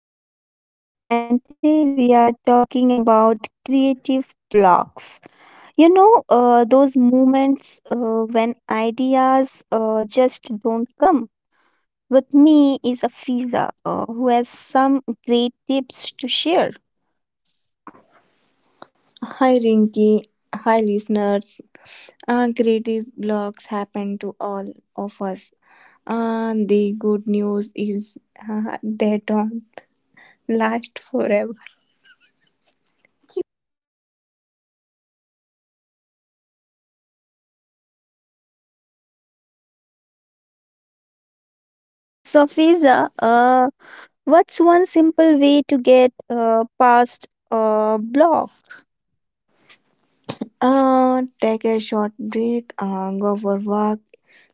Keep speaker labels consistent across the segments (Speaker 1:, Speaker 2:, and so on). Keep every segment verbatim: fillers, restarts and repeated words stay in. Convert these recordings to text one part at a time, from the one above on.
Speaker 1: Rinki and today we are talking about creative blocks. You know, uh, those moments uh, when ideas uh, just don't come. With me is Afiza uh, who has some great tips to share.
Speaker 2: Hi Rinky, hi listeners. Uh, creative blocks happen to all of us. Uh, the good news is uh, they don't last forever.
Speaker 1: Yeah, so Fiza, uh, what's one simple way to get uh, past a block?
Speaker 2: Uh, take a short break, uh, go for walk,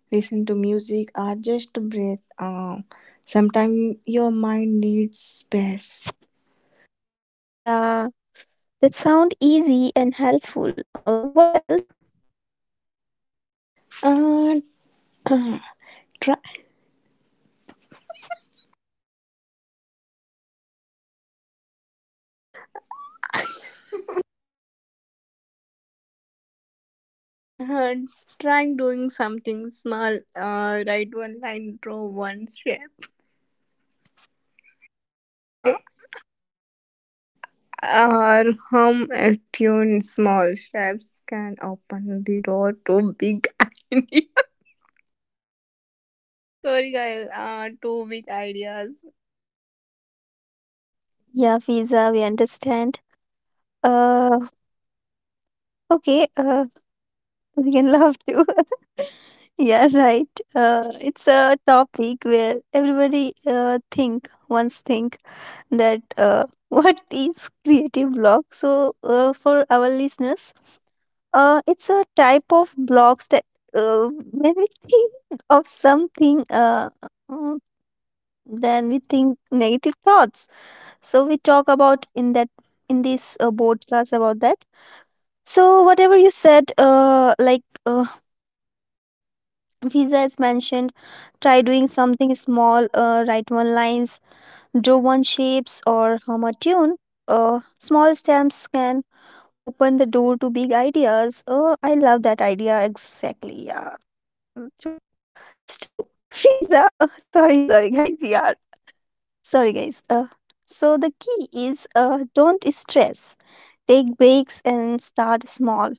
Speaker 2: listen to music, or just breathe. Uh, sometimes your mind needs space.
Speaker 1: Yeah, that sound easy and helpful. Uh, what else?
Speaker 2: Uh, try, uh, try doing something small. Uh, write one line, draw one shape. Uh, Our hum attuned Small steps can open the door to big ideas. I'm sorry, guys. Uh, two big ideas.
Speaker 1: Yeah, Fiza, we understand. Uh, okay, uh, we can love to. Yeah, right. Uh, it's a topic where everybody uh, think once think that uh, what is creative block? So uh, for our listeners, uh, it's a type of blocks that uh, when we think of something, uh, mm, then we think negative thoughts. So we talk about in that in this uh, podcast about that. So whatever you said, uh, like uh, Visa is mentioned, try doing something small. Uh, write one lines, draw one shapes, or hum a tune. Uh, small steps can open the door to big ideas. Oh, I love that idea exactly. Yeah, mm, true. Stu, Visa. Uh, sorry, sorry, guys. We are sorry, guys. Uh, so the key is uh, don't stress. Take breaks and start small.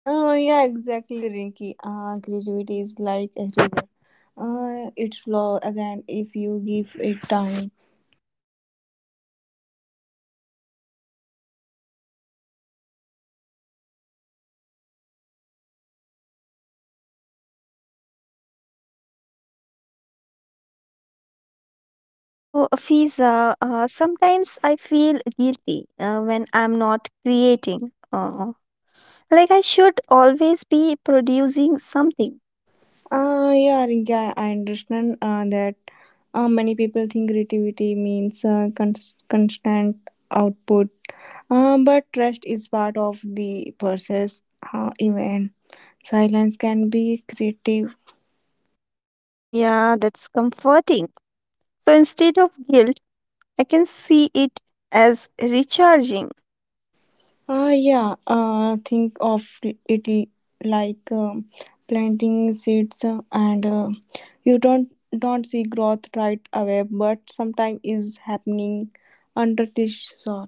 Speaker 2: Oh, yeah, exactly, Rinky. Uh, creativity is like a river. Uh, it flows again if you give it time.
Speaker 1: So, Fiza, uh, sometimes I feel guilty uh, when I'm not creating. Uh, like I should always be producing something.
Speaker 2: Uh, yeah, Rinky, I, I understand uh, that uh, many people think creativity means uh, cons- constant output, uh, but rest is part of the process uh, even. Silence can be creative.
Speaker 1: Yeah, that's comforting. So, instead of guilt, I can see it as recharging.
Speaker 2: Ah, yeah. Uh, think of it like um, planting seeds, uh, and uh, you don't don't see growth right away, but sometime is happening under the soil.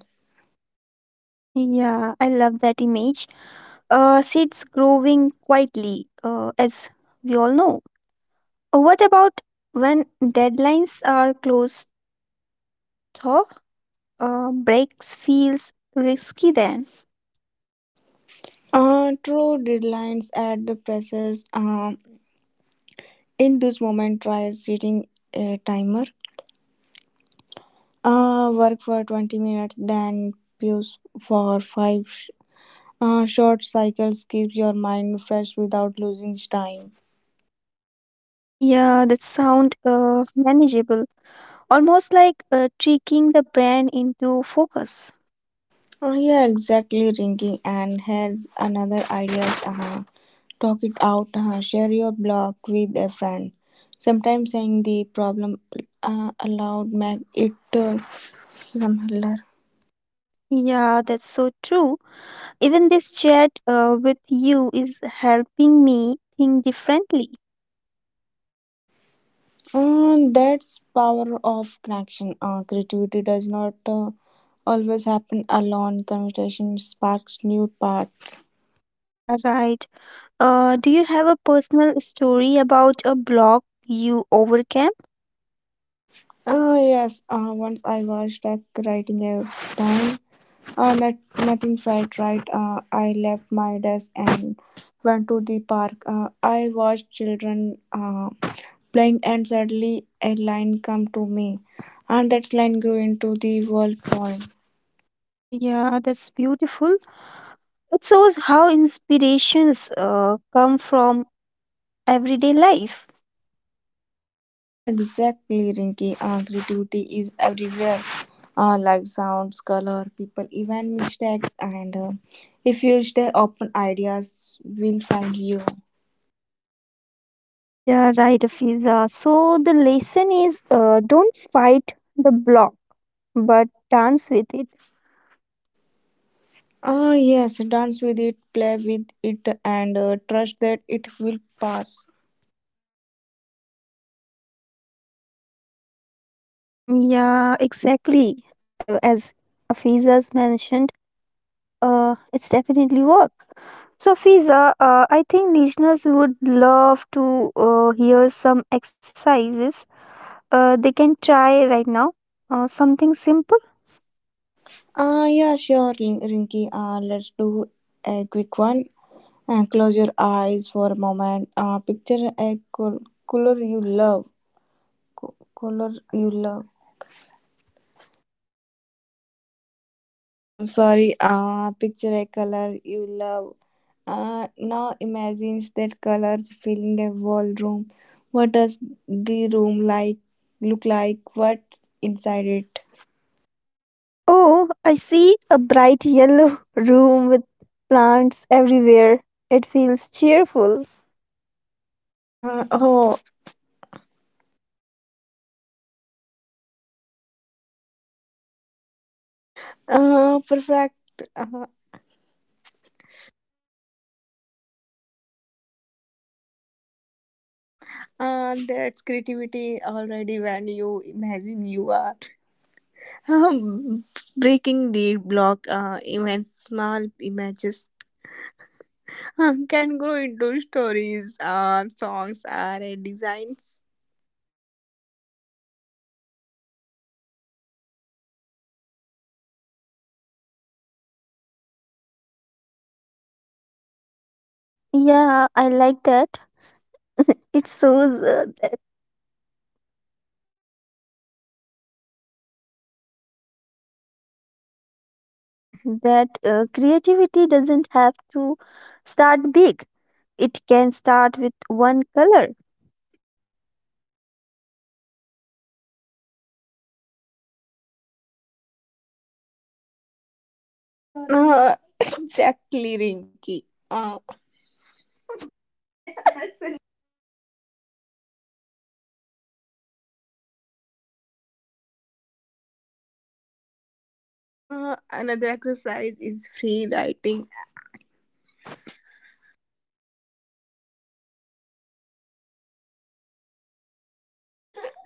Speaker 1: Yeah, I love that image. Uh, seeds growing quietly, uh, as we all know. Uh, What about when deadlines are close? Though, uh, breaks feels risky then.
Speaker 2: Uh, true deadlines at the presses. Uh, in this moment, try setting a timer. Uh, work for twenty minutes, then pause for five. Ah, short cycles keep your mind fresh without losing time.
Speaker 1: Yeah, that sound uh, manageable, almost like uh, tricking the brain into focus.
Speaker 2: Ah, yeah, exactly, Rinky. And here's another idea. Uh, talk it out. Uh, share your blog with a friend. Sometimes saying the problem uh, aloud make it uh, simpler.
Speaker 1: Yeah, that's so true. Even this chat uh, with you is helping me think differently.
Speaker 2: Uh, that's power of connection. Uh, creativity does not uh, always happen alone. Conversation sparks new paths.
Speaker 1: Yeah, right. Uh, do you have a personal story about a block you overcame?
Speaker 2: Oh yes, uh, once I was stuck writing a time. Uh, that nothing felt right. Uh, I left my desk and went to the park. Uh, I watched children uh, playing, and suddenly a line come to me, and that line grew into the world poem.
Speaker 1: Yeah, that's beautiful. It shows how inspirations uh, come from everyday life.
Speaker 2: Uh, yeah, exactly, Rinky. Uh, creativity is everywhere. Uh, like sounds, color, people, even mistakes, and uh, if you stay open, ideas will find you.
Speaker 1: Yeah, right, Fiza. So the lesson is uh, don't fight the block, but dance with it.
Speaker 2: Ah, yes, dance with it, play with it, and uh, trust that it will pass.
Speaker 1: Yeah, exactly. Uh, as Afiza's mentioned, uh, it's definitely work. So, Fiza, uh, I think listeners would love to uh, hear some exercises uh, they can try right now. Uh, something simple.
Speaker 2: Ah, yeah, sure, Rin- Rinky. Ah, let's do a quick one. And close your eyes for a moment. Ah, picture a col- color you love. Co- color you love. Ah, sorry. Ah, picture a color you love. Ah, now imagine that color filling a whole room. What does the room like look like? What's inside it?
Speaker 1: Oh, I see a bright yellow room with plants everywhere. It feels cheerful.
Speaker 2: Uh, oh, Uh, perfect. Uh, uh, that's creativity already when you imagine you are um, breaking the block. Uh, even small images uh, can grow into stories, uh, songs, or designs.
Speaker 1: Yeah, I like that. It shows uh, that uh, creativity doesn't have to start big. It can start with one color.
Speaker 2: Uh, exactly, Rinky. Uh, uh, Another exercise is free writing.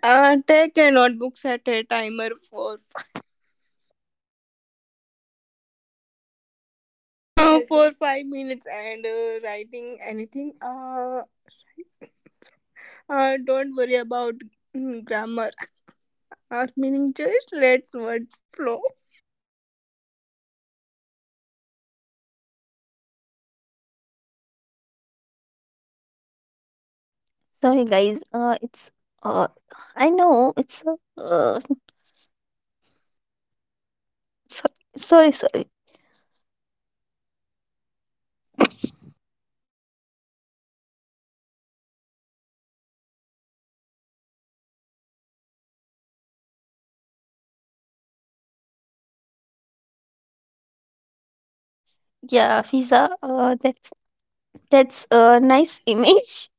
Speaker 2: Uh, take a notebook, set a timer for uh, for five minutes and uh, writing anything uh, Uh, don't worry about mm, grammar or meaning, just let's word flow.
Speaker 1: Sorry, guys. Uh, it's uh, I know it's uh, uh so, sorry, sorry. Yeah, visa. Uh, that's that's a nice image.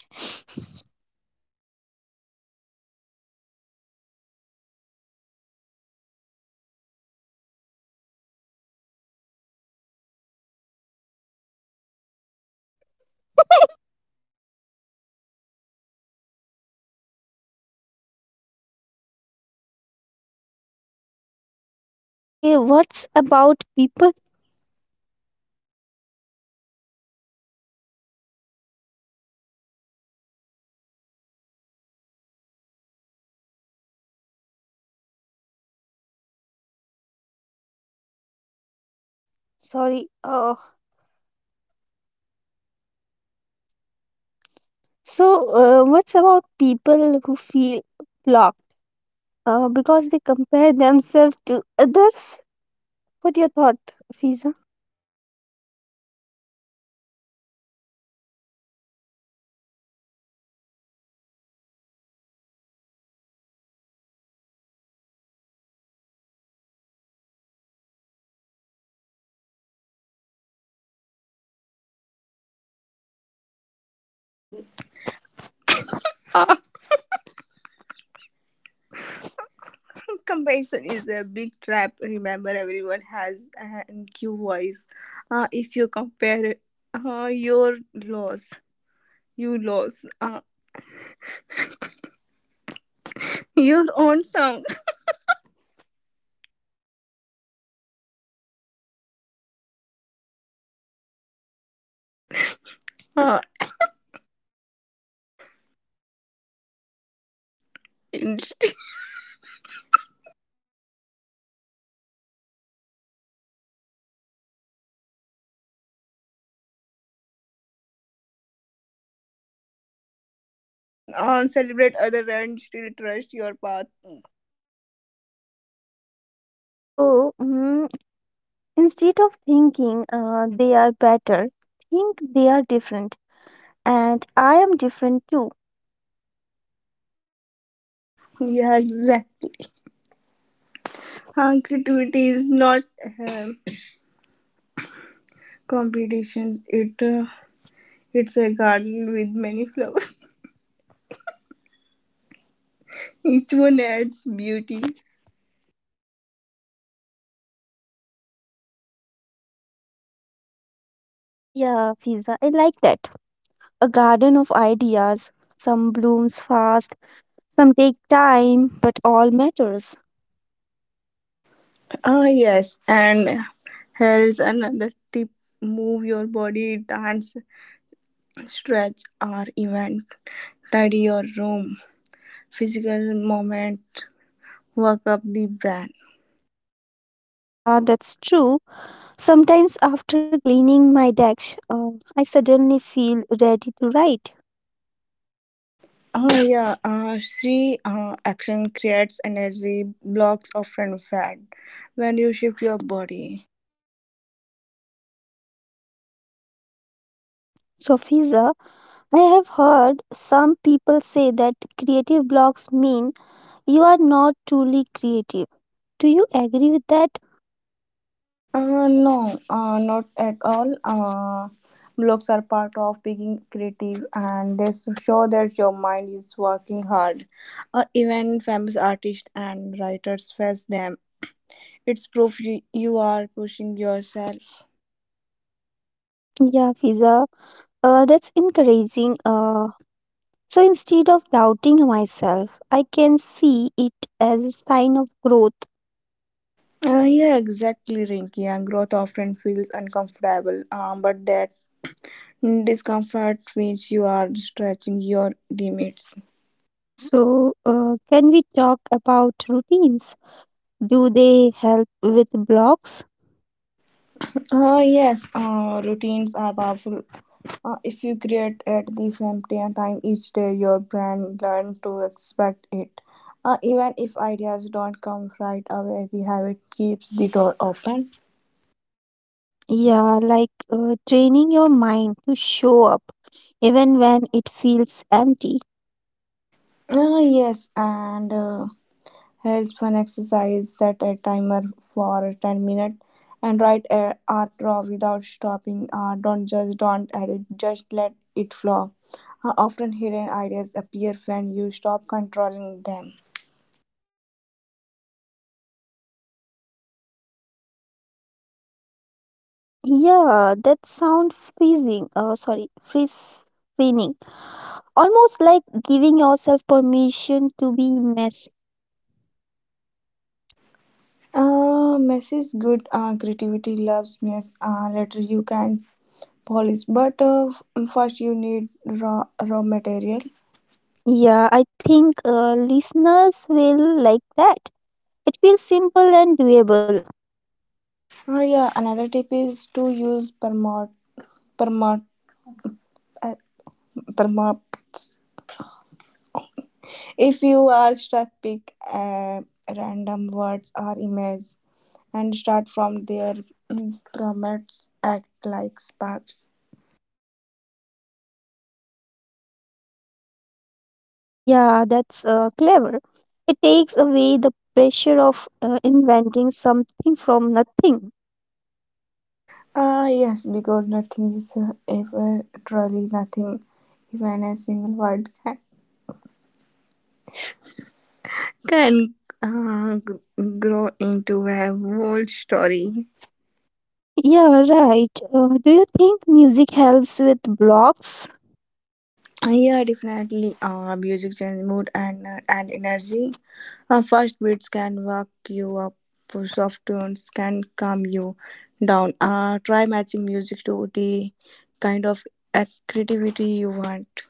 Speaker 1: Okay, what's about people? Sorry. Uh, so uh, what's about people who feel blocked? Uh, because they compare themselves to others. What your thought, Fiza?
Speaker 2: Uh, comparison is a big trap. Remember, everyone has an I Q voice. Uh, if you compare uh, your loss, you lose uh, your own sound. Uh, Instinct. Uh, celebrate other and still trust your path.
Speaker 1: So mm, instead of thinking uh, they are better, think they are different, and I am different too.
Speaker 2: Yeah, exactly. Uh, creativity is not um competition. It uh, it's a garden with many flowers. Each one adds beauty.
Speaker 1: Yeah, Fiza, I like that. A garden of ideas. Some blooms fast, some take time, but all matters.
Speaker 2: Ah, yes. And here is another tip move your body, dance, stretch, or even tidy your room. Physical movement work up the brain.
Speaker 1: Yeah, that's true. Sometimes after cleaning my desk, uh, I suddenly feel ready to write.
Speaker 2: Ah, yeah. Uh, see, uh, action creates energy, blocks often fat when you shift your body.
Speaker 1: So, Fiza, I have heard some people say that creative blocks mean you are not truly creative. Do you agree with that?
Speaker 2: Uh, no, uh, not at all. Uh, blocks are part of being creative and they s- show that your mind is working hard. Uh, even famous artists and writers face them. It's proof you, you are pushing yourself.
Speaker 1: Yeah, Fiza. Uh, that's encouraging. Uh, so instead of doubting myself, I can see it as a sign of growth.
Speaker 2: Uh, yeah, exactly, Rinky. And growth often feels uncomfortable, um, but that discomfort means you are stretching your limits.
Speaker 1: So, uh, can we talk about routines? Do they help with blocks?
Speaker 2: Uh, yes, uh, routines are powerful. Uh, if you create at the same t- time each day, your brain learns to expect it. Uh, even if ideas don't come right away, the habit keeps the door open.
Speaker 1: Yeah, like uh, training your mind to show up even when it feels empty.
Speaker 2: Uh, yes, and uh, here's one exercise set a timer for ten minutes and write a art draw without stopping. Uh, don't judge, don't edit, just let it flow. Uh, often hidden ideas appear when you stop controlling them.
Speaker 1: Yeah, that sound freezing. Oh, sorry, freeze, freeing. Almost like giving yourself permission to be messy.
Speaker 2: Uh, mess is good uh, creativity loves mess. Uh, later you can polish, but uh, f- first you need raw raw material.
Speaker 1: Yeah, I think uh, listeners will like that. It feels simple and doable.
Speaker 2: Uh, yeah, another tip is to use permot permot uh, permots. If you are stuck, pick uh, random words or images and start from there. Mm, Promotes act like sparks.
Speaker 1: Yeah, that's uh, clever. It takes away the pressure of uh, inventing something from nothing.
Speaker 2: Ah, yes, because nothing is uh, ever truly nothing, even a single word can uh, g- grow into a whole story.
Speaker 1: Yeah, right. Uh, do you think music helps with blocks?
Speaker 2: Yeah, definitely. Uh, music change mood and uh, and energy. Uh, fast beats can wake you up. Soft tones can calm you down. Uh, try matching music to the kind of uh, creativity you want.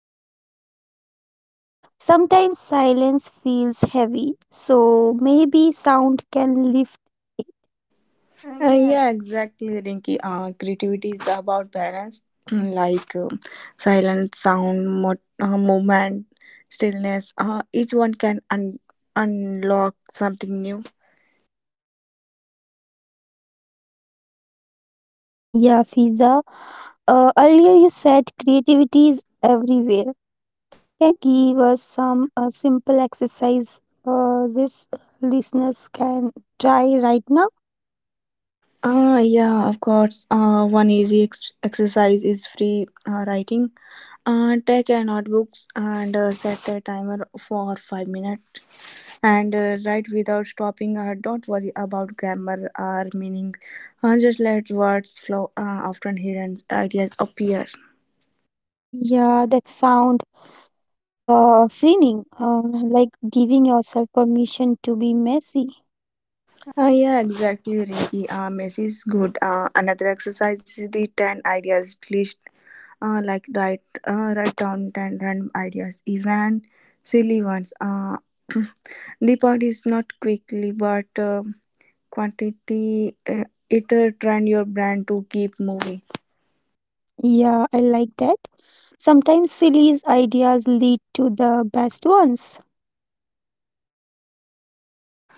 Speaker 1: Yeah, I will try that. Sometimes silence feels heavy, so maybe sound can lift it. Uh,
Speaker 2: Uh,
Speaker 1: yeah,
Speaker 2: yeah, exactly, Rinky. Uh, creativity is about balance, like um, silence, sound, mo- uh, movement, stillness. Uh, each one can un- unlock something new.
Speaker 1: Yeah, Fiza. Uh, earlier you said creativity is everywhere. Can you give us some uh, simple exercise uh, this listeners can try right now?
Speaker 2: Uh, yeah, of course. Uh, one easy ex- exercise is free uh, writing. Uh, take a notebooks and uh, set a timer for five minutes. And uh, write without stopping. Uh, don't worry about grammar or meaning. Uh, just let words flow. Uh, often hidden ideas appear.
Speaker 1: Yeah, that sound uh, freeing, uh, like giving yourself permission to be messy.
Speaker 2: Uh, yeah, exactly, Ricky. Uh, mess is good. Uh, another exercise is the ten ideas list. Uh, like write, uh, write down ten random ideas, even silly ones. Uh, the point is not quickly, but uh, quantity. Uh, it uh, train your brain to keep moving.
Speaker 1: Yeah, I like that. Sometimes silly ideas lead to the best ones.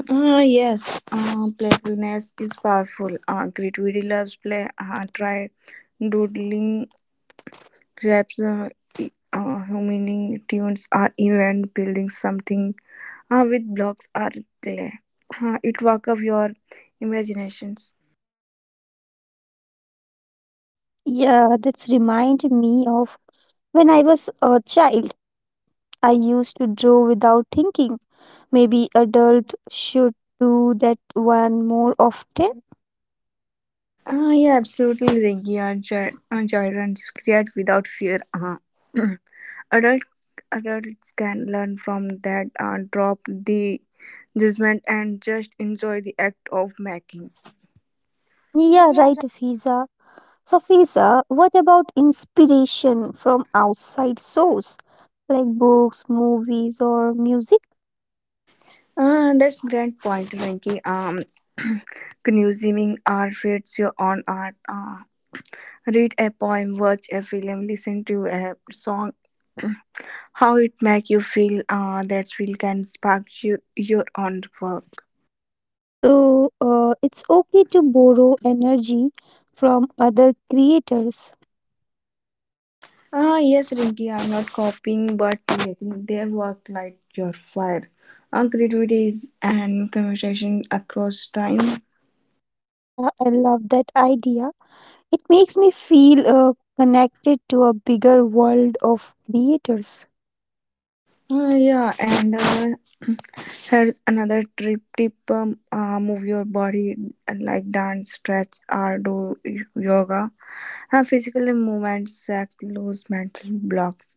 Speaker 2: Ah, yes, uh, playfulness is powerful. Uh, creativity loves play. Uh, try doodling, raps, uh, uh, humming tunes, or even building something uh, with blocks or clay. Uh, it work of your imaginations.
Speaker 1: Yeah, that's remind me of when I was a child. I used to draw without thinking. Maybe adult should do that one more often.
Speaker 2: Ah, yeah, absolutely, Ringy. Uh, gy- uh, gyrants create without fear. Uh, adult adults can learn from that. Uh, drop the judgment and just enjoy the act of making.
Speaker 1: Yeah, right, Fiza. So, Fiza, what about inspiration from outside source like books, movies, or music?
Speaker 2: Uh, that's great point, Rinky. Um, consuming art feeds your own art. Uh, read a poem, watch a film, listen to a song. How it make you feel? Uh, that feel can spark you your own work.
Speaker 1: So uh, it's okay to borrow energy from other creators.
Speaker 2: Ah, yes, Rinky. I'm not copying, but creating. Their work light your fire. Uh, creativity is and conversation across time.
Speaker 1: Yeah, I love that idea. It makes me feel uh, connected to a bigger world of creators.
Speaker 2: Uh, yeah, and. Uh, Here's another trip tip um, uh, move your body uh, like dance, stretch, or do y- yoga. Uh, physical movement sacks loose mental blocks.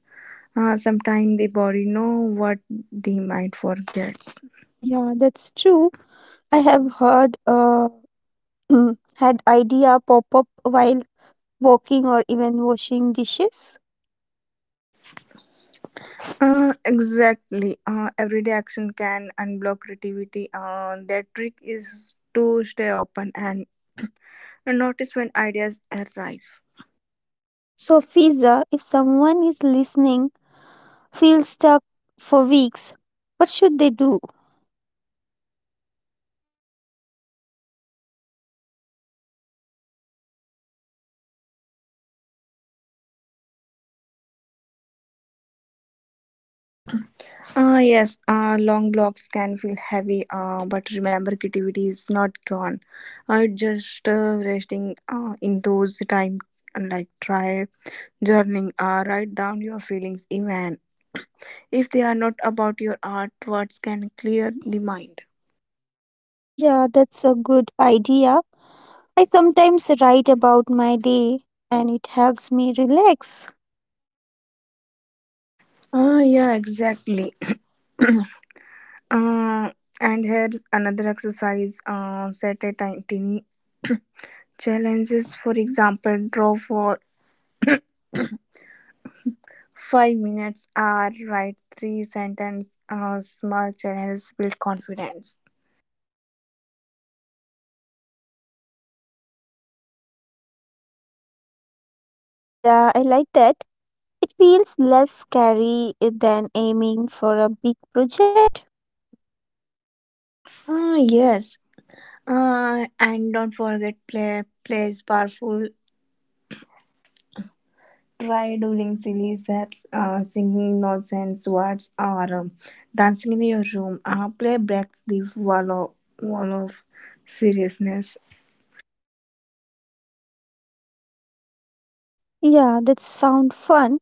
Speaker 2: Uh, sometimes the body know what the mind forgets.
Speaker 1: Yeah, that's true. I have heard uh, had idea pop up while walking or even washing dishes.
Speaker 2: Uh, exactly. Uh, everyday action can unblock creativity. Uh, their trick is to stay open and notice when ideas arrive.
Speaker 1: So Fiza, if someone is listening, feels stuck for weeks, what should they do?
Speaker 2: Ah, yes, uh, long blocks can feel heavy, uh, but remember, creativity is not gone. Uh, just uh, resting uh, in those time, like try journaling, uh, write down your feelings, even if they are not about your art, words can clear the mind.
Speaker 1: Yeah, that's a good idea. I sometimes write about my day and it helps me relax.
Speaker 2: Ah, yeah, exactly. uh, and here's another exercise uh, set a tiny challenges. For example, draw for five minutes are right, three sentence uh, small challenges build confidence.
Speaker 1: Yeah, I like that. It feels less scary than aiming for a big project.
Speaker 2: Ah, yes. Uh, and don't forget play plays powerful. Try doing silly steps, uh, singing nonsense words, or um, dancing in your room. Uh, play breaks the wall of, wall of seriousness.
Speaker 1: Yeah, that sound fun.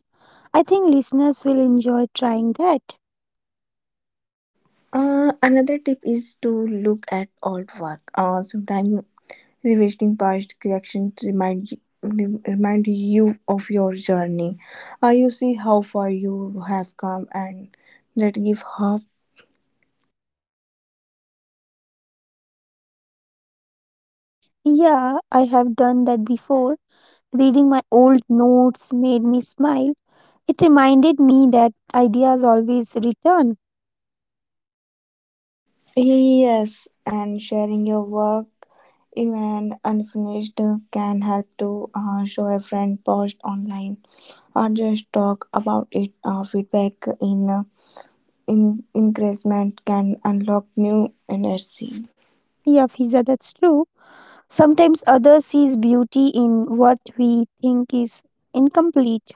Speaker 1: I think listeners will enjoy trying that.
Speaker 2: Uh, another tip is to look at old work. Uh, sometimes revisiting past collections remind rem- remind you of your journey. Uh, you see how far you have come, and that give hope.
Speaker 1: Yeah, I have done that before. Reading my old notes made me smile. It reminded me that ideas always return.
Speaker 2: Yes, and sharing your work, even unfinished, can help to uh, show a friend post online or just talk about it. Uh, feedback in uh, in encouragement can unlock new energy.
Speaker 1: Yeah, Fiza, that's true. Sometimes others sees beauty in what we think is incomplete.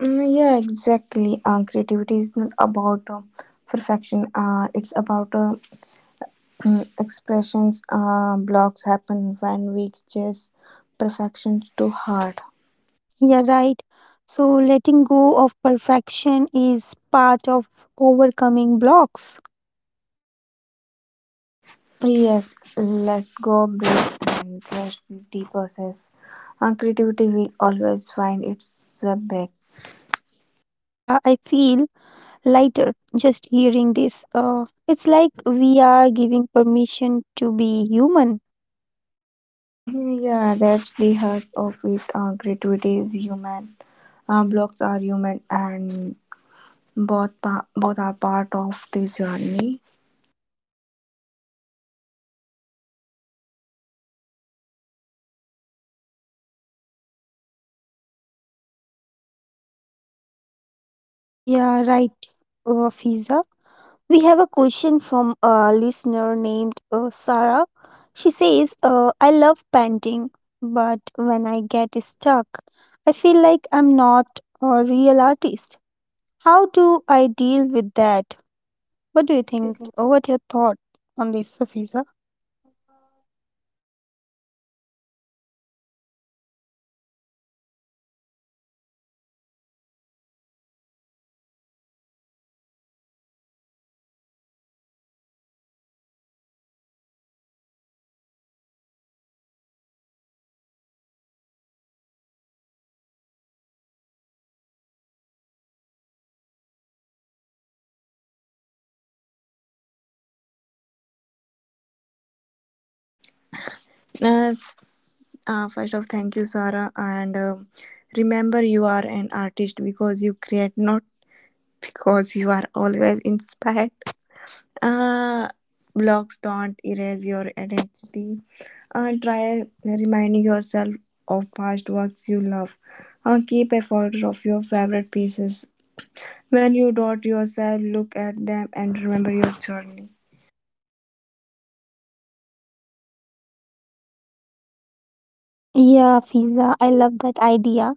Speaker 2: Mm, yeah, exactly. Uh, creativity is not about uh, perfection. Uh, it's about uh, expressions. Uh, blocks happen when we chase perfection too hard.
Speaker 1: Yeah, right. So letting go of perfection is part of overcoming blocks.
Speaker 2: Yes, let go, breathe, and trust the process. Uh, creativity will always find its way back.
Speaker 1: Yeah, I feel lighter just hearing this. Uh, it's like we are giving permission to be human.
Speaker 2: Mhm. Yeah, that's the heart of it. Uh, creativity is human. Uh, blocks are human, and both pa- both are part of the journey.
Speaker 1: Yeah, right, uh, Fiza. We have a question from a listener named uh, Sarah. She says, uh, I love painting, but when I get stuck, I feel like I'm not a real artist. How do I deal with that? What do you think? Uh, What your thought on this, Fiza?
Speaker 2: Uh, uh, First of thank you, Sarah, and um, remember you are an artist because you create, not because you are always inspired. Uh, Blocks don't erase your identity. Uh, try reminding yourself of past works you love. Uh, keep a folder of your favorite pieces. When you doubt yourself, look at them and remember your journey.
Speaker 1: Yeah, Fiza, I love that idea.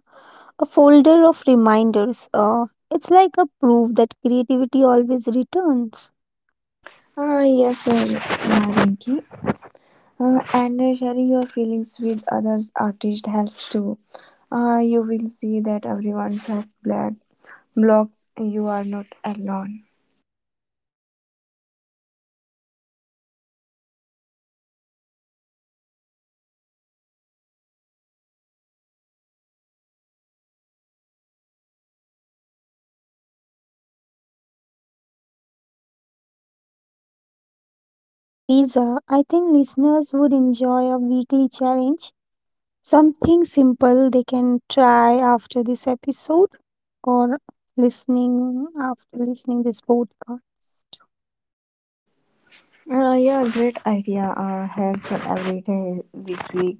Speaker 1: A folder of reminders. Uh, it's like a proof that creativity always returns.
Speaker 2: Ah, yes, sir. Yeah, Rinki. Uh, and uh, Sharing your feelings with others artists helps too. Uh, you will see that everyone has black blocks. You are not alone.
Speaker 1: So, Fiza, I think listeners would enjoy a weekly challenge. Something simple they can try after this episode or listening after listening this podcast.
Speaker 2: Uh, yeah, great idea. Uh, hands on every day this week.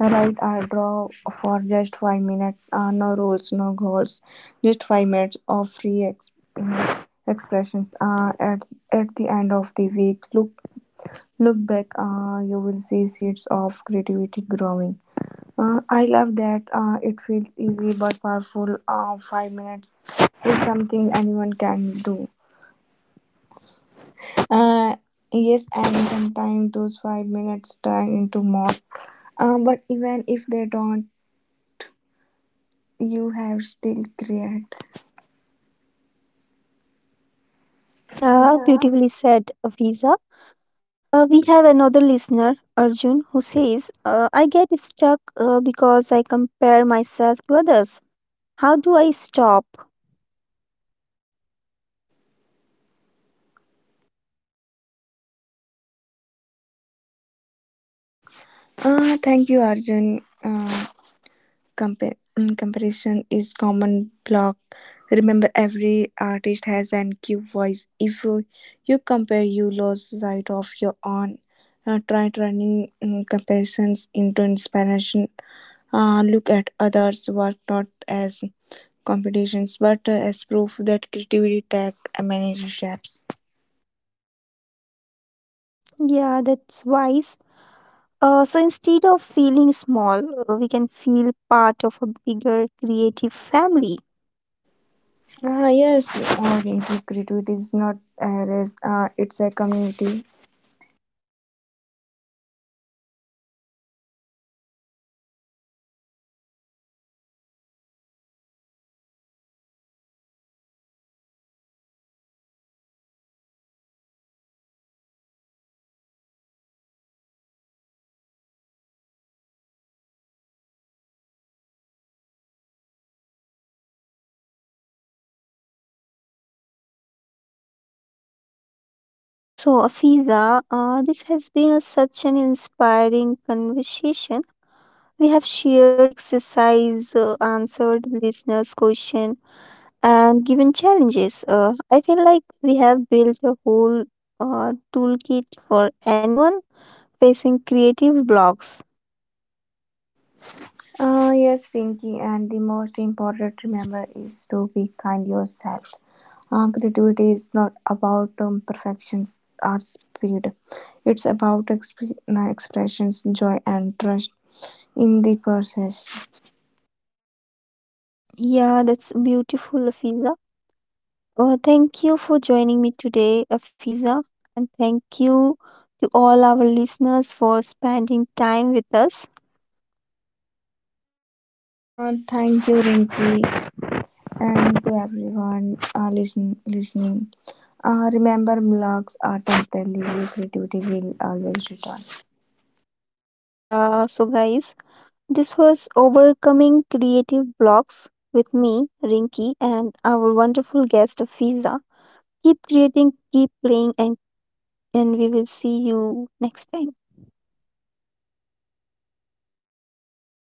Speaker 2: Write or draw for just five minutes. Uh, no rules, no goals. Just five minutes of free ex- uh, expressions. Uh, at at the end of the week, look look back. Uh, you will see seeds of creativity growing. Uh, I love that uh, it feels easy but powerful. Uh, five minutes is something anyone can do. Uh, yes, and sometimes those five minutes turn into more. Uh, but even if they don't, you have still create.
Speaker 1: Yeah,
Speaker 2: Yeah.
Speaker 1: beautifully said, Visa. Uh, we have another listener, Arjun, who says, uh, I get stuck uh, because I compare myself to others. How do I stop?
Speaker 2: Uh, thank you, Arjun. Uh, Compa- mm, comparison is common block. Remember, every artist has an cue voice. If you, you compare, you lose sight of your own. Uh, try turning mm, comparisons into inspiration. Uh, look at others' work not as competitions but uh, as proof that creativity takes many shapes.
Speaker 1: Yeah, that's wise. Uh, so instead of feeling small, uh, we can feel part of a bigger creative family.
Speaker 2: Ah yes, uh, creativity is not a race, uh, it's a community.
Speaker 1: So, Afiza, uh, this has been a, such an inspiring conversation. We have shared exercise, uh, answered listeners' question, and given challenges. Uh, I feel like we have built a whole uh, toolkit for anyone facing creative blocks.
Speaker 2: Uh, yes, Rinky, and the most important remember is to be kind yourself. Uh, creativity is not about um, perfections or speed. It's about exp- uh, expressions, joy, and trust in the process.
Speaker 1: Yeah, that's beautiful, Afiza. Uh, thank you for joining me today, Afiza, and thank you to all our listeners for spending time with us.
Speaker 2: Uh, thank you, Rinky, and to everyone uh, listen, listening. Uh, remember, blocks are temporary. Creativity will always return.
Speaker 1: Yeah, so guys, this was Overcoming Creative Blocks with me, Rinky, and our wonderful guest, Fiza. Keep creating, keep playing, and, and we will see you next time.